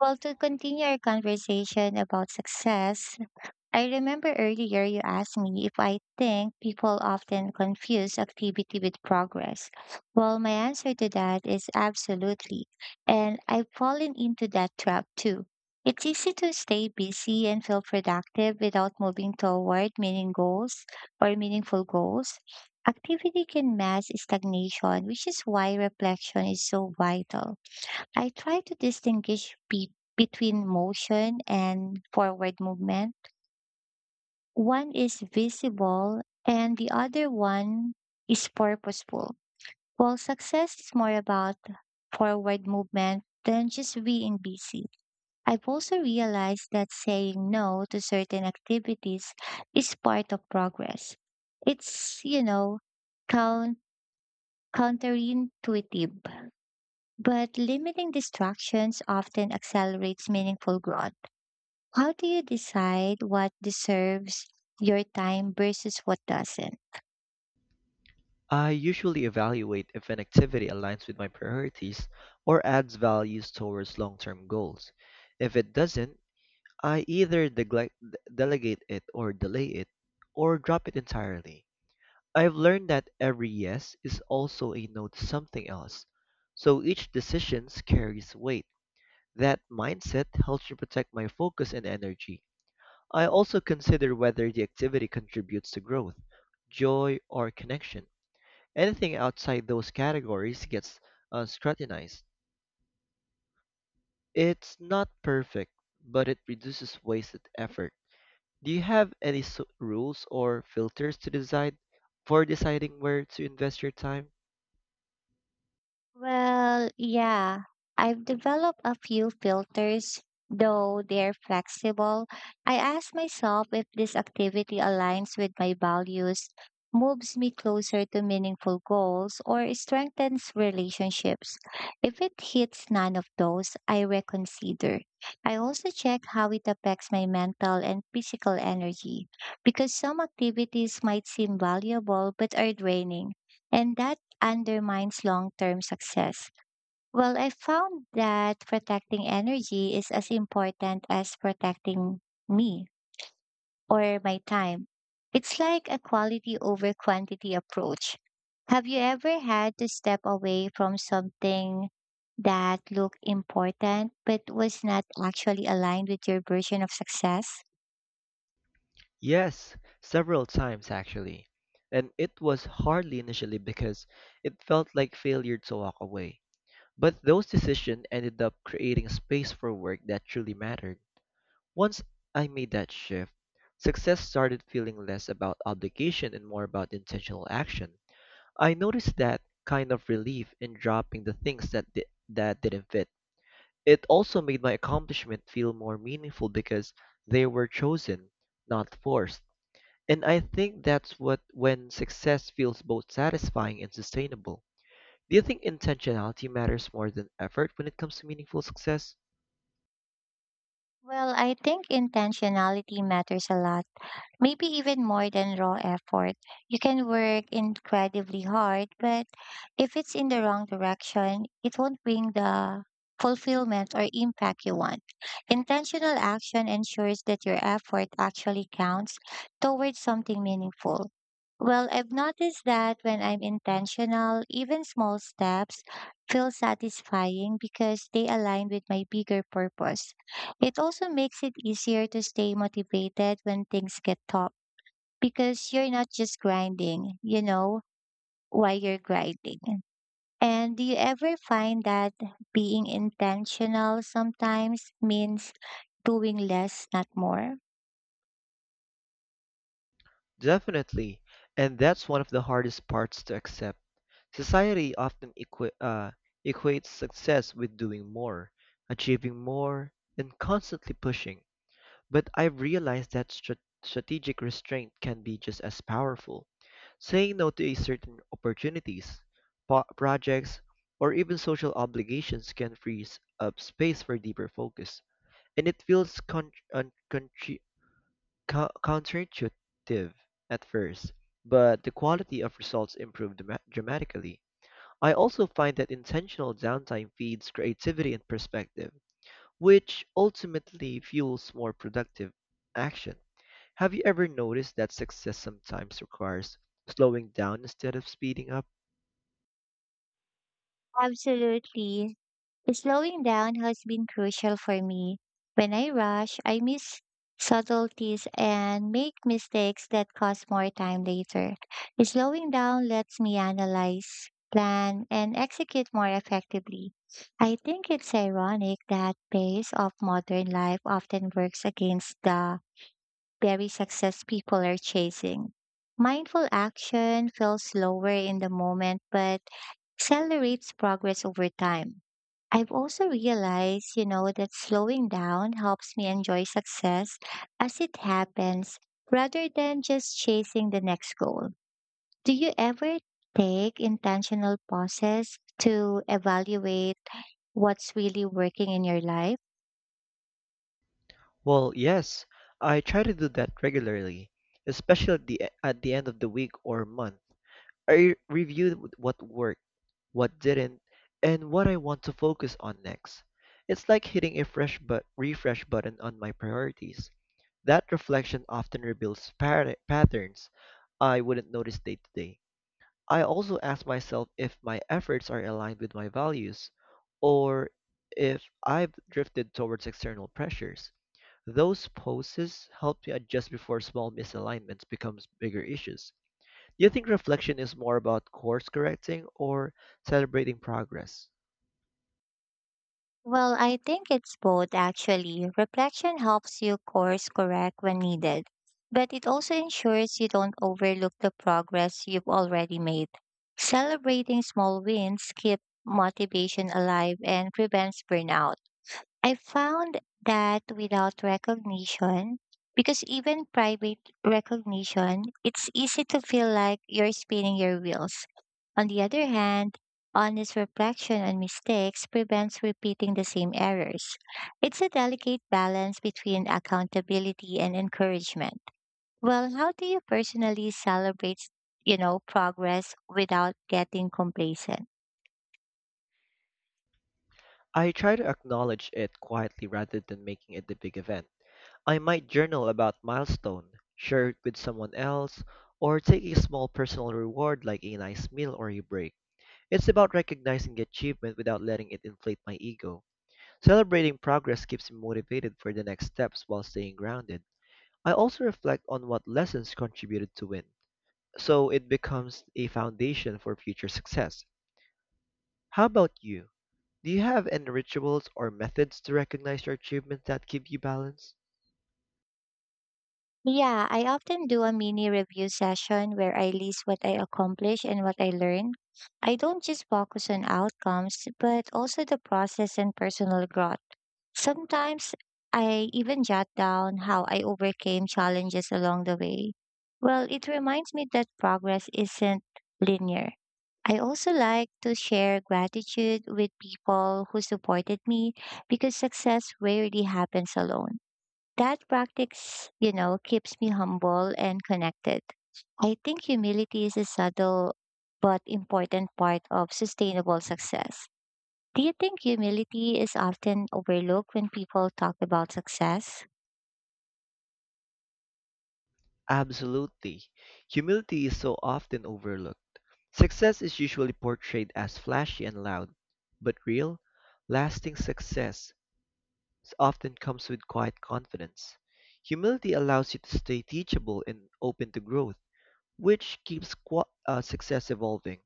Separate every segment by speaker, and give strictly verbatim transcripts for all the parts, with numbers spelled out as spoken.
Speaker 1: Well, to continue our conversation about success, I remember earlier you asked me if I think people often confuse activity with progress. Well, my answer to that is absolutely. And I've fallen into that trap too. It's easy to stay busy and feel productive without moving toward meaning goals or meaningful goals. Activity can mask stagnation, which is why reflection is so vital. I try to distinguish be- between motion and forward movement. One is visible and the other one is purposeful. While success is more about forward movement than just being busy. I've also realized that saying no to certain activities is part of progress. It's, you know, count- counterintuitive, but limiting distractions often accelerates meaningful growth. How do you decide what deserves your time versus what doesn't?
Speaker 2: I usually evaluate if an activity aligns with my priorities or adds values towards long term goals. If it doesn't, I either neglect, delegate it or delay it or drop it entirely. I've learned that every yes is also a no to something else, so each decision carries weight. That mindset helps me protect my focus and energy. I also consider whether the activity contributes to growth, joy, or connection. Anything outside those categories gets uh, scrutinized. It's not perfect, but it reduces wasted effort. Do you have any s rules or filters to decide for deciding where to invest your time?
Speaker 1: Well, yeah, I've developed a few filters, though they're flexible. I ask myself if this activity aligns with my values, moves me closer to meaningful goals, or strengthens relationships. If it hits none of those, I reconsider. I also check how it affects my mental and physical energy, because some activities might seem valuable but are draining. And that undermines long term success. Well, I found that protecting energy is as important as protecting me or my time. It's like a quality over quantity approach. Have you ever had to step away from something that looked important but was not actually aligned with your version of success?
Speaker 2: Yes, several times actually. And it was hardly initially because it felt like failure to walk away. But those decisions ended up creating space for work that truly mattered. Once I made that shift, success started feeling less about obligation and more about intentional action. I noticed that kind of relief in dropping the things that di- that didn't fit. It also made my accomplishment feel more meaningful because they were chosen, not forced. And I think that's what when success feels both satisfying and sustainable. Do you think intentionality matters more than effort when it comes to meaningful success?
Speaker 1: Well, I think intentionality matters a lot, maybe even more than raw effort. You can work incredibly hard, but if it's in the wrong direction, it won't bring the fulfillment or impact you want. Intentional action ensures that your effort actually counts towards something meaningful. Well, I've noticed that when I'm intentional, even small steps feel satisfying because they align with my bigger purpose. It also makes it easier to stay motivated when things get tough because you're not just grinding, you know, why you're grinding. And do you ever find that being intentional sometimes means doing less, not more?
Speaker 2: Definitely. And that's one of the hardest parts to accept. Society often equi- uh, equates success with doing more, achieving more, and constantly pushing. But I've realized that strat- strategic restraint can be just as powerful. Saying no to a certain opportunities, po- projects, or even social obligations can freeze up space for deeper focus. And it feels con- un- contri- co- counterintuitive at first, but the quality of results improved dra- dramatically. I also find that intentional downtime feeds creativity and perspective, which ultimately fuels more productive action. Have you ever noticed that success sometimes requires slowing down instead of speeding up?
Speaker 1: Absolutely. Slowing down has been crucial for me. When I rush, I miss subtleties and make mistakes that cost more time later. Slowing down lets me analyze, plan, and execute more effectively. I think it's ironic that pace of modern life often works against the very success people are chasing. Mindful action feels slower in the moment, but accelerates progress over time. I've also realized, you know, that slowing down helps me enjoy success as it happens rather than just chasing the next goal. Do you ever take intentional pauses to evaluate what's really working in your life?
Speaker 2: Well, yes, I try to do that regularly, especially at the, e- at the end of the week or month. I review what worked, what didn't, and what I want to focus on next. It's like hitting a fresh but refresh button on my priorities. That reflection often reveals par- patterns I wouldn't notice day to day. I also ask myself if my efforts are aligned with my values or if I've drifted towards external pressures. Those poses help me adjust before small misalignments becomes bigger issues. Do you think reflection is more about course correcting or celebrating progress?
Speaker 1: Well, I think it's both actually. Reflection helps you course correct when needed, but it also ensures you don't overlook the progress you've already made. Celebrating small wins keeps motivation alive and prevents burnout. I found that without recognition, because even private recognition, it's easy to feel like you're spinning your wheels. On the other hand, honest reflection on mistakes prevents repeating the same errors. It's a delicate balance between accountability and encouragement. Well, how do you personally celebrate, you know, progress without getting complacent?
Speaker 2: I try to acknowledge it quietly rather than making it the big event. I might journal about milestone, share it with someone else, or take a small personal reward like a nice meal or a break. It's about recognizing achievement without letting it inflate my ego. Celebrating progress keeps me motivated for the next steps while staying grounded. I also reflect on what lessons contributed to win, so it becomes a foundation for future success. How about you? Do you have any rituals or methods to recognize your achievements that give you balance?
Speaker 1: Yeah, I often do a mini review session where I list what I accomplished and what I learned. I don't just focus on outcomes, but also the process and personal growth. Sometimes I even jot down how I overcame challenges along the way. Well, it reminds me that progress isn't linear. I also like to share gratitude with people who supported me because success rarely happens alone. That practice, you know, keeps me humble and connected. I think humility is a subtle but important part of sustainable success. Do you think humility is often overlooked when people talk about success?
Speaker 2: Absolutely. Humility is so often overlooked. Success is usually portrayed as flashy and loud, but real, lasting success s- often comes with quiet confidence. Humility allows you to stay teachable and open to growth, which keeps qua uh, success evolving.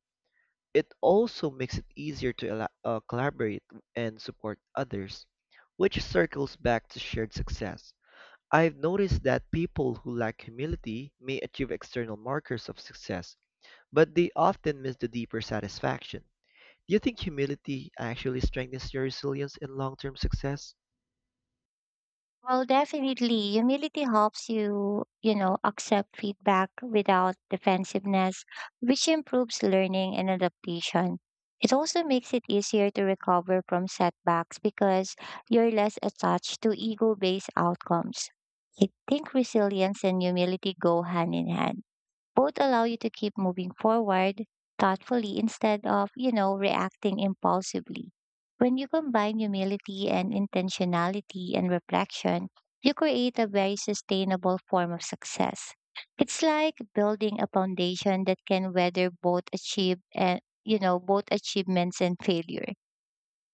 Speaker 2: It also makes it easier to ela- uh, collaborate and support others, which circles back to shared success. I've noticed that people who lack humility may achieve external markers of success, but they often miss the deeper satisfaction. Do you think humility actually strengthens your resilience and long term success?
Speaker 1: Well, definitely. Humility helps you, you know, accept feedback without defensiveness, which improves learning and adaptation. It also makes it easier to recover from setbacks because you're less attached to ego based outcomes. I think resilience and humility go hand in hand, both allow you to keep moving forward thoughtfully instead of, you know, reacting impulsively. When you combine humility and intentionality and reflection, you create a very sustainable form of success. It's like building a foundation that can weather both achieve and you know both achievements and failure.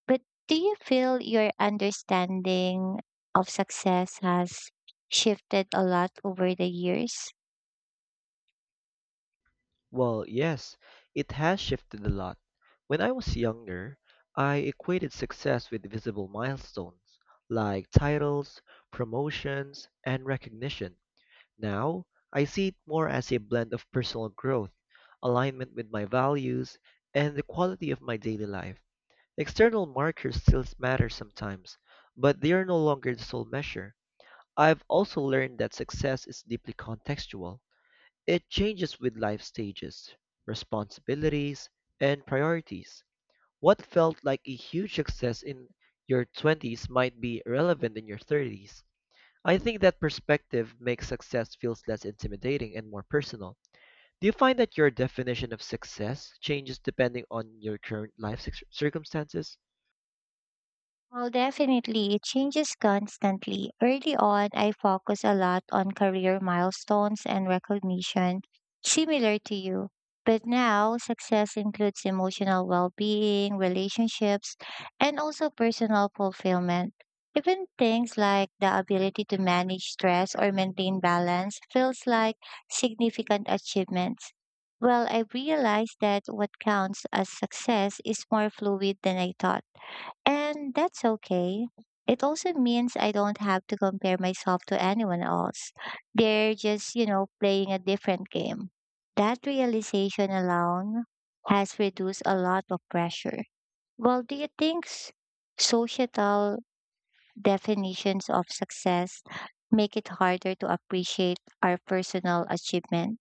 Speaker 1: But do you feel your understanding of success has shifted a lot over the years?
Speaker 2: Well, yes, it has shifted a lot. When I was younger, I equated success with visible milestones like titles, promotions, and recognition. Now, I see it more as a blend of personal growth, alignment with my values, and the quality of my daily life. External markers still matter sometimes, but they are no longer the sole measure. I've also learned that success is deeply contextual. It changes with life stages, responsibilities, and priorities. What felt like a huge success in your twenties might be relevant in your thirties. I think that perspective makes success feels less intimidating and more personal. Do you find that your definition of success changes depending on your current life cir- circumstances?
Speaker 1: Well, definitely, it changes constantly. Early on, I focus a lot on career milestones and recognition, similar to you. But now, success includes emotional well being, relationships, and also personal fulfillment. Even things like the ability to manage stress or maintain balance feels like significant achievements. Well, I realized that what counts as success is more fluid than I thought, and that's okay. It also means I don't have to compare myself to anyone else. They're just, you know, playing a different game. That realization alone has reduced a lot of pressure. Well, do you think s- societal definitions of success make it harder to appreciate our personal achievement?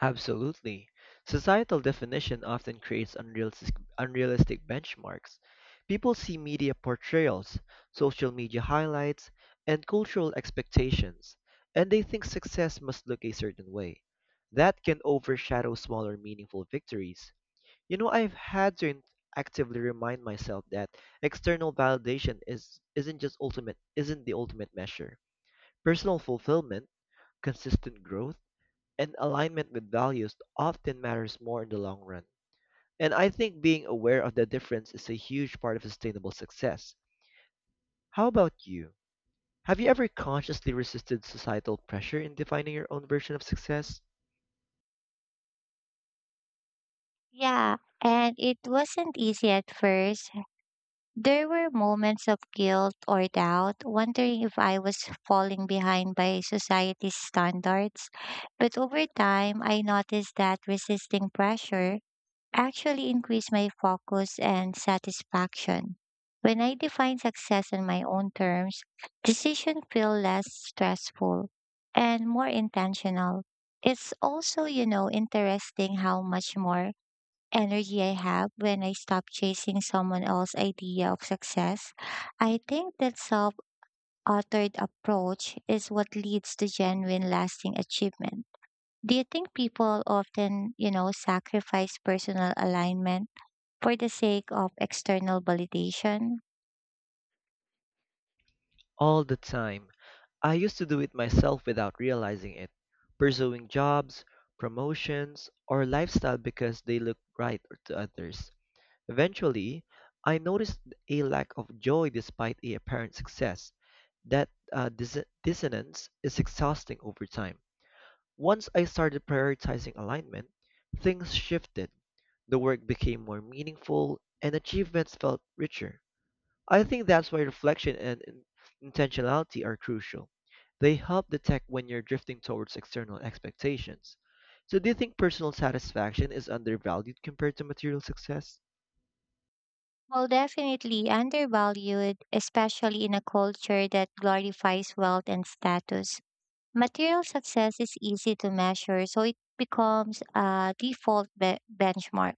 Speaker 2: Absolutely. Societal definition often creates unrealistic, unrealistic benchmarks. People see media portrayals, social media highlights, and cultural expectations, and they think success must look a certain way. That can overshadow smaller meaningful victories. You know, I've had to in- actively remind myself that external validation is isn't just ultimate isn't the ultimate measure. Personal fulfillment, consistent growth, and alignment with values often matters more in the long run. And I think being aware of the difference is a huge part of sustainable success. How about you? Have you ever consciously resisted societal pressure in defining your own version of success?
Speaker 1: Yeah, and it wasn't easy at first. There were moments of guilt or doubt, wondering if I was falling behind by society's standards. But over time, I noticed that resisting pressure actually increased my focus and satisfaction. When I define success on my own terms, decisions feel less stressful and more intentional. It's also, you know, interesting how much more energy I have when I stop chasing someone else's idea of success. I think that self authored approach is what leads to genuine lasting achievement. Do you think people often, you know, sacrifice personal alignment for the sake of external validation?
Speaker 2: All the time. I used to do it myself without realizing it, pursuing jobs, promotions, or lifestyle because they looked right to others. Eventually, I noticed a lack of joy despite the apparent success. That uh, dis- dissonance is exhausting over time. Once I started prioritizing alignment, things shifted. The work became more meaningful and achievements felt richer. I think that's why reflection and in- intentionality are crucial. They help detect when you're drifting towards external expectations. So, do you think personal satisfaction is undervalued compared to material success?
Speaker 1: Well, definitely undervalued, especially in a culture that glorifies wealth and status. Material success is easy to measure, so it becomes a default be- benchmark.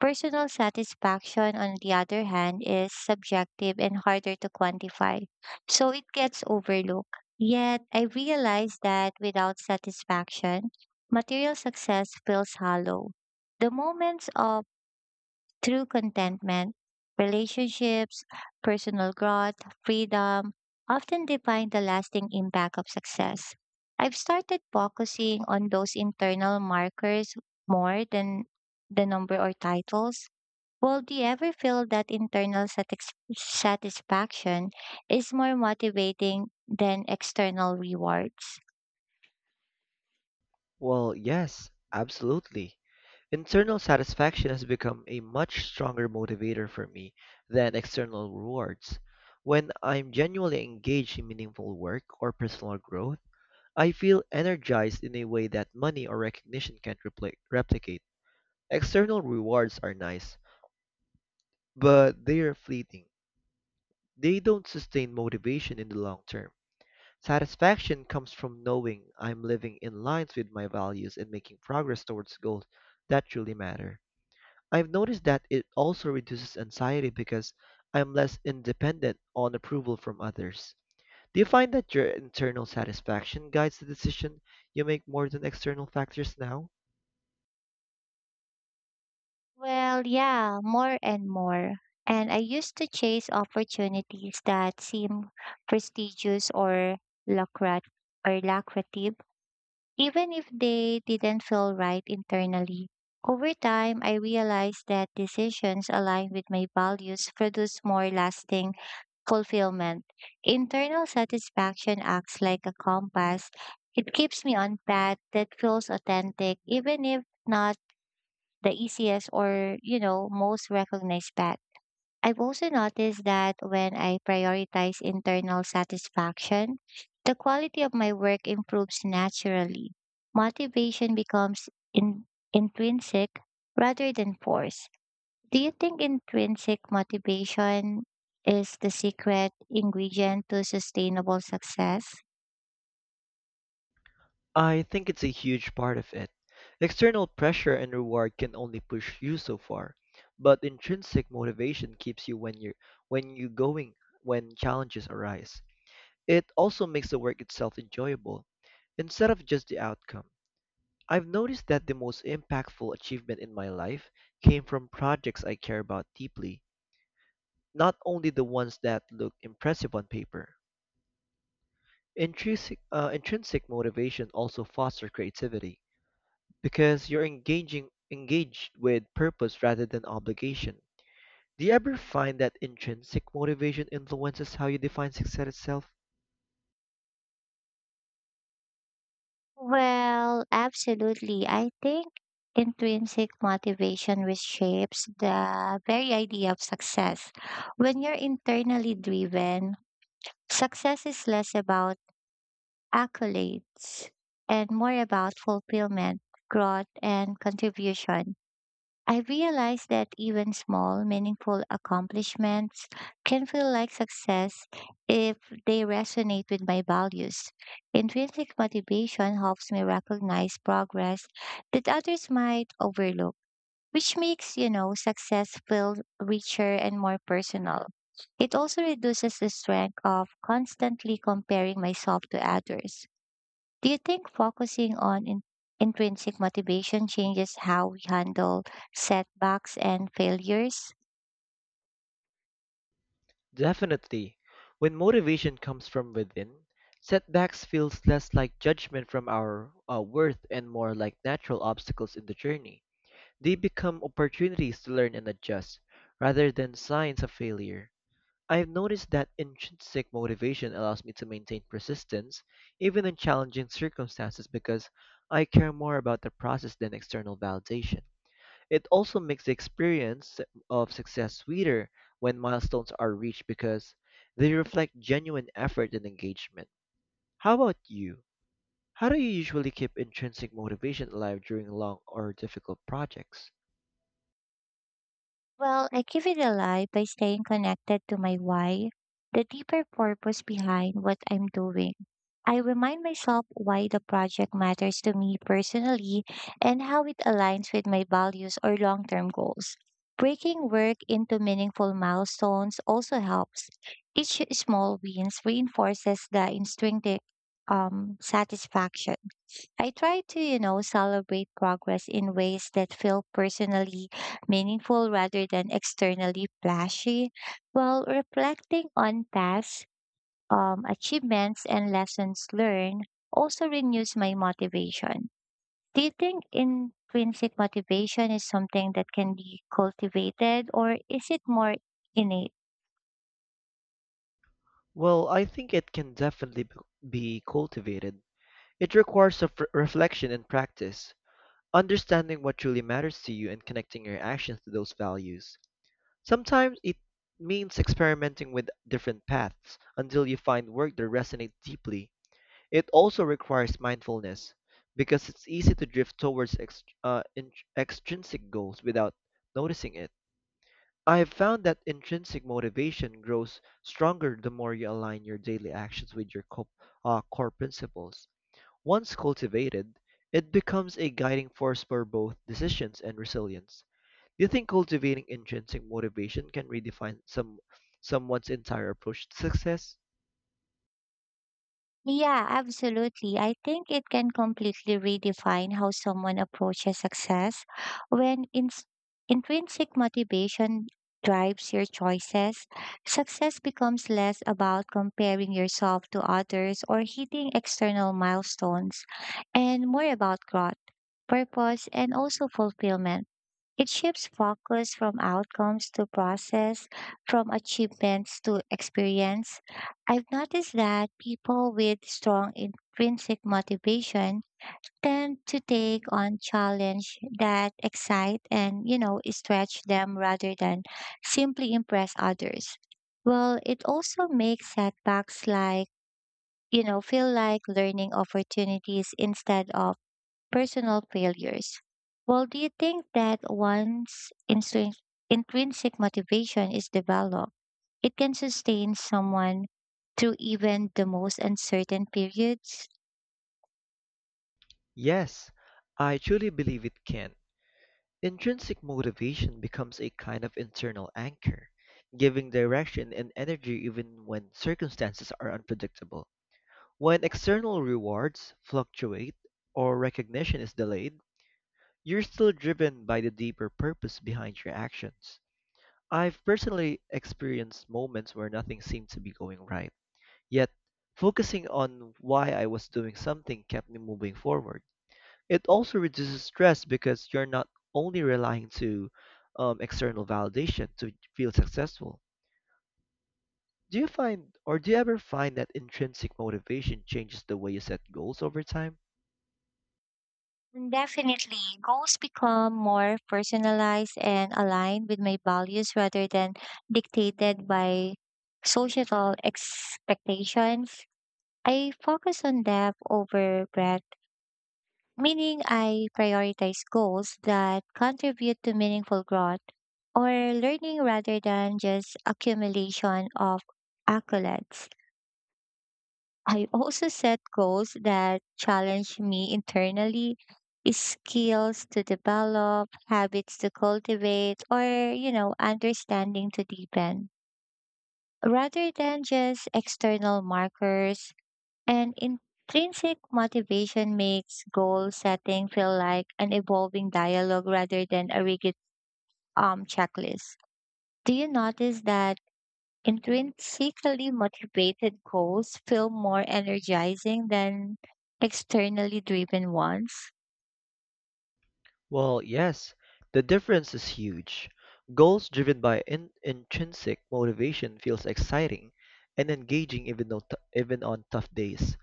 Speaker 1: Personal satisfaction, on the other hand, is subjective and harder to quantify, so it gets overlooked. Yet, I realize that without satisfaction, material success feels hollow. The moments of true contentment, relationships, personal growth, freedom often define the lasting impact of success. I've started focusing on those internal markers more than the number or titles. Well, do you ever feel that internal satis- satisfaction is more motivating than external rewards?
Speaker 2: Well, yes, absolutely. Internal satisfaction has become a much stronger motivator for me than external rewards. When I'm genuinely engaged in meaningful work or personal growth, I feel energized in a way that money or recognition can't repli- replicate. External rewards are nice, but they are fleeting. They don't sustain motivation in the long term. Satisfaction comes from knowing I'm living in lines with my values and making progress towards goals that truly matter. I've noticed that it also reduces anxiety because I'm less independent on approval from others. Do you find that your internal satisfaction guides the decision you make more than external factors now?
Speaker 1: Well, yeah, more and more. And I used to chase opportunities that seem prestigious or lucrat or lucrative, even if they didn't feel right internally. Over time, I realized that decisions aligned with my values produce more lasting fulfillment. Internal satisfaction acts like a compass. It keeps me on path that feels authentic, even if not the easiest or, you know, most recognized path. I've also noticed that when I prioritize internal satisfaction, the quality of my work improves naturally. Motivation becomes in- intrinsic rather than forced. Do you think intrinsic motivation is the secret ingredient to sustainable success?
Speaker 2: I think it's a huge part of it. External pressure and reward can only push you so far, but intrinsic motivation keeps you when you're when you going when challenges arise. It also makes the work itself enjoyable instead of just the outcome. I've noticed that the most impactful achievement in my life came from projects I care about deeply, not only the ones that look impressive on paper. Intrinsic, uh, intrinsic motivation also fosters creativity because you're engaging engaged with purpose rather than obligation. Do you ever find that intrinsic motivation influences how you define success itself?
Speaker 1: Well, absolutely. I think intrinsic motivation reshapes the very idea of success. When you're internally driven, success is less about accolades and more about fulfillment, growth, and contribution. I realized that even small, meaningful accomplishments can feel like success if they resonate with my values. Intrinsic motivation helps me recognize progress that others might overlook, which makes, you know, success feel richer and more personal. It also reduces the strength of constantly comparing myself to others. Do you think focusing on in- intrinsic motivation changes how we handle setbacks and failures?
Speaker 2: Definitely. When motivation comes from within, setbacks feels less like judgment from our uh, worth and more like natural obstacles in the journey. They become opportunities to learn and adjust rather than signs of failure. I've noticed that intrinsic motivation allows me to maintain persistence, even in challenging circumstances, because I care more about the process than external validation. It also makes the experience of success sweeter when milestones are reached because they reflect genuine effort and engagement. How about you? How do you usually keep intrinsic motivation alive during long or difficult projects?
Speaker 1: Well, I give it a lie by staying connected to my why, the deeper purpose behind what I'm doing. I remind myself why the project matters to me personally and how it aligns with my values or long term goals. Breaking work into meaningful milestones also helps. Each small wins reinforces the instinctive um, satisfaction. I try to, you know, celebrate progress in ways that feel personally meaningful rather than externally flashy, while reflecting on past um, achievements and lessons learned also renews my motivation. Do you think intrinsic motivation is something that can be cultivated or is it more innate?
Speaker 2: Well, I think it can definitely b- be cultivated. It requires of re- reflection and practice, understanding what truly matters to you and connecting your actions to those values. Sometimes it means experimenting with different paths until you find work that resonates deeply. It also requires mindfulness because it's easy to drift towards ex- uh, in- extrinsic goals without noticing it. I have found that intrinsic motivation grows stronger the more you align your daily actions with your co- uh, core principles. Once cultivated, it becomes a guiding force for both decisions and resilience. Do you think cultivating intrinsic motivation can redefine some someone's entire approach to success?
Speaker 1: Yeah, absolutely. I think it can completely redefine how someone approaches success when ins intrinsic motivation drives your choices. Success becomes less about comparing yourself to others or hitting external milestones and more about growth, purpose, and also fulfillment. It shifts focus from outcomes to process, from achievements to experience. I've noticed that people with strong intrinsic motivation tend to take on challenge that excite and you know stretch them rather than simply impress others. Well, it also makes setbacks like you know feel like learning opportunities instead of personal failures. Well, do you think that once instrin- intrinsic motivation is developed, it can sustain someone through even the most uncertain periods?
Speaker 2: Yes, I truly believe it can. Intrinsic motivation becomes a kind of internal anchor, giving direction and energy even when circumstances are unpredictable. When external rewards fluctuate or recognition is delayed, you're still driven by the deeper purpose behind your actions. I've personally experienced moments where nothing seemed to be going right, yet focusing on why I was doing something kept me moving forward. It also reduces stress because you're not only relying to um, external validation to feel successful. Do you find or do you ever find that intrinsic motivation changes the way you set goals over time?
Speaker 1: Definitely, goals become more personalized and aligned with my values rather than dictated by societal expectations. I focus on depth over breadth, meaning I prioritize goals that contribute to meaningful growth or learning rather than just accumulation of accolades. I also set goals that challenge me internally, skills to develop, habits to cultivate, or, you know, understanding to deepen. Rather than just external markers, and intrinsic motivation makes goal setting feel like an evolving dialogue rather than a rigid um, checklist. Do you notice that intrinsically motivated goals feel more energizing than externally driven ones?
Speaker 2: Well, yes, the difference is huge. Goals driven by in- intrinsic motivation feels exciting and engaging even though t- even on tough days,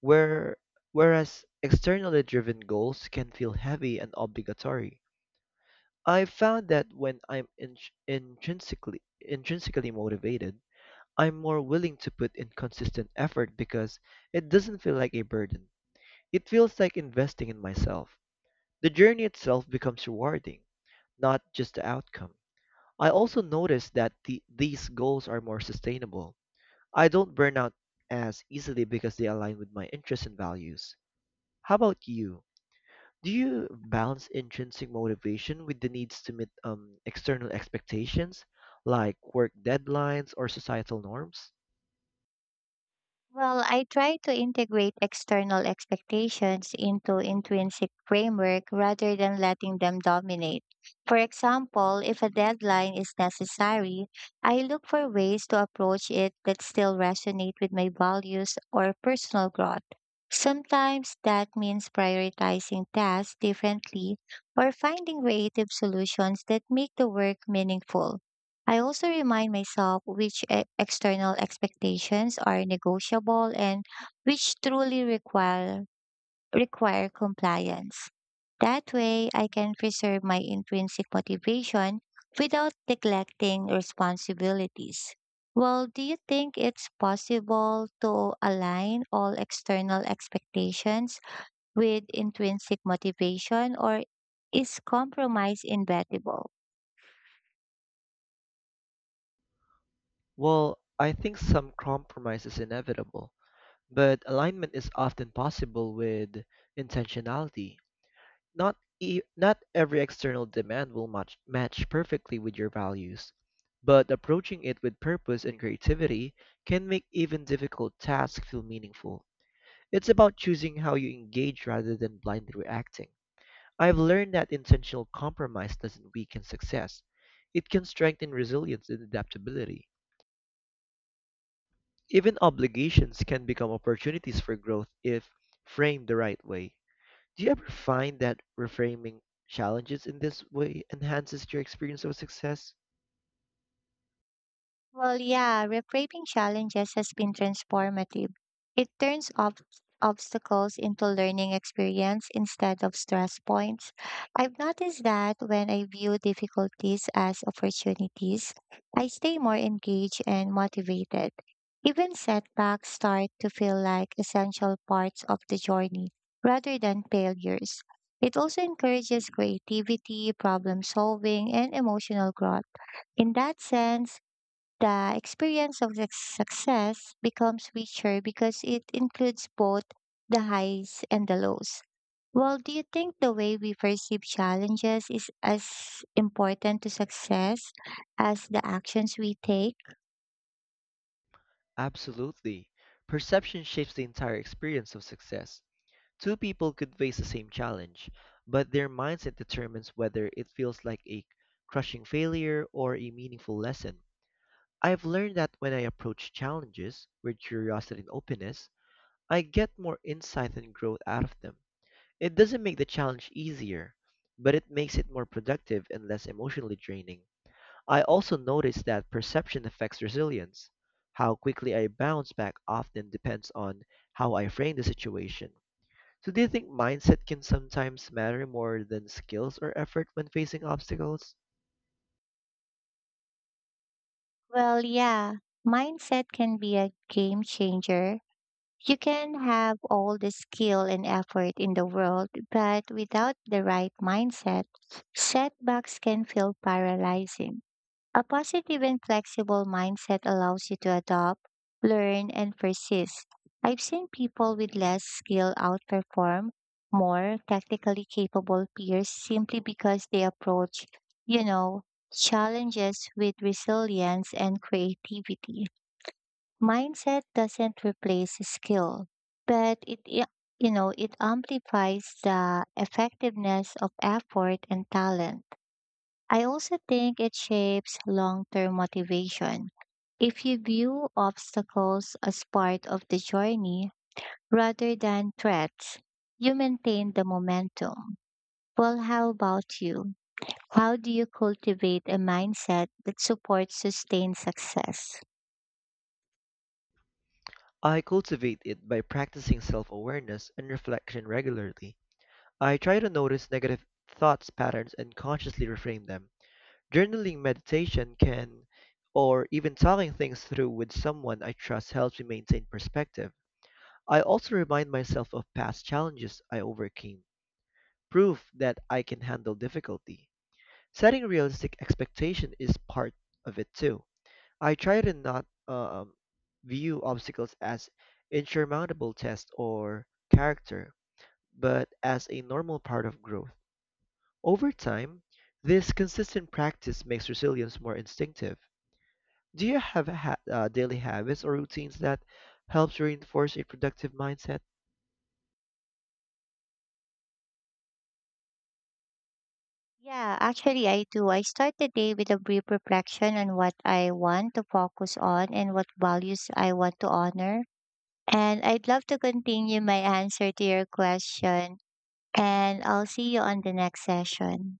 Speaker 2: where whereas externally driven goals can feel heavy and obligatory. I've found that when I'm in, intrinsically intrinsically motivated, I'm more willing to put in consistent effort because it doesn't feel like a burden. It feels like investing in myself. The journey itself becomes rewarding, not just the outcome. I also notice that the, these goals are more sustainable. I don't burn out as easily because they align with my interests and values. How about you? Do you balance intrinsic motivation with the needs to meet um, external expectations, like work deadlines or societal norms?
Speaker 1: Well, I try to integrate external expectations into intrinsic framework rather than letting them dominate. For example, if a deadline is necessary, I look for ways to approach it that still resonate with my values or personal growth. Sometimes that means prioritizing tasks differently or finding creative solutions that make the work meaningful. I also remind myself which e- external expectations are negotiable and which truly require require compliance. That way, I can preserve my intrinsic motivation without neglecting responsibilities. Well, do you think it's possible to align all external expectations with intrinsic motivation, or is compromise inevitable?
Speaker 2: Well, I think some compromise is inevitable, but alignment is often possible with intentionality. Not e- not every external demand will match match perfectly with your values, but approaching it with purpose and creativity can make even difficult tasks feel meaningful. It's about choosing how you engage rather than blindly reacting. I've learned that intentional compromise doesn't weaken success. It can strengthen resilience and adaptability. Even obligations can become opportunities for growth if framed the right way. Do you ever find that reframing challenges in this way enhances your experience of success?
Speaker 1: Well, yeah, reframing challenges has been transformative. It turns ob- obstacles into learning experience instead of stress points. I've noticed that when I view difficulties as opportunities, I stay more engaged and motivated. Even setbacks start to feel like essential parts of the journey rather than failures. It also encourages creativity, problem solving, and emotional growth. In that sense, the experience of the success becomes richer because it includes both the highs and the lows. Well, do you think the way we perceive challenges is as important to success as the actions we take?
Speaker 2: Absolutely. Perception shapes the entire experience of success. Two people could face the same challenge, but their mindset determines whether it feels like a crushing failure or a meaningful lesson. I've learned that when I approach challenges with curiosity and openness, I get more insight and growth out of them. It doesn't make the challenge easier, but it makes it more productive and less emotionally draining. I also noticed that perception affects resilience. How quickly I bounce back often depends on how I frame the situation. So do you think mindset can sometimes matter more than skills or effort when facing obstacles?
Speaker 1: Well, yeah, mindset can be a game changer. You can have all the skill and effort in the world, but without the right mindset, setbacks can feel paralyzing. A positive and flexible mindset allows you to adopt, learn, and persist. I've seen people with less skill outperform more technically capable peers simply because they approach, you know, challenges with resilience and creativity. Mindset doesn't replace skill, but it, i- you know, it amplifies the effectiveness of effort and talent. I also think it shapes long term motivation. If you view obstacles as part of the journey rather than threats, you maintain the momentum. Well, how about you? How do you cultivate a mindset that supports sustained success?
Speaker 2: I cultivate it by practicing self-awareness and reflection regularly. I try to notice negative thoughts patterns and consciously reframe them. Journaling meditation can or even talking things through with someone I trust helps me maintain perspective. I also remind myself of past challenges I overcame, proof that I can handle difficulty. Setting realistic expectation is part of it too. I try to not um, view obstacles as insurmountable tests or character, but as a normal part of growth. Over time, this consistent practice makes resilience more instinctive. Do you have ha- uh, daily habits or routines that helps reinforce a productive mindset?
Speaker 1: Yeah, actually, I do. I start the day with a brief reflection on what I want to focus on and what values I want to honor. And I'd love to continue my answer to your question. And I'll see you on the next session.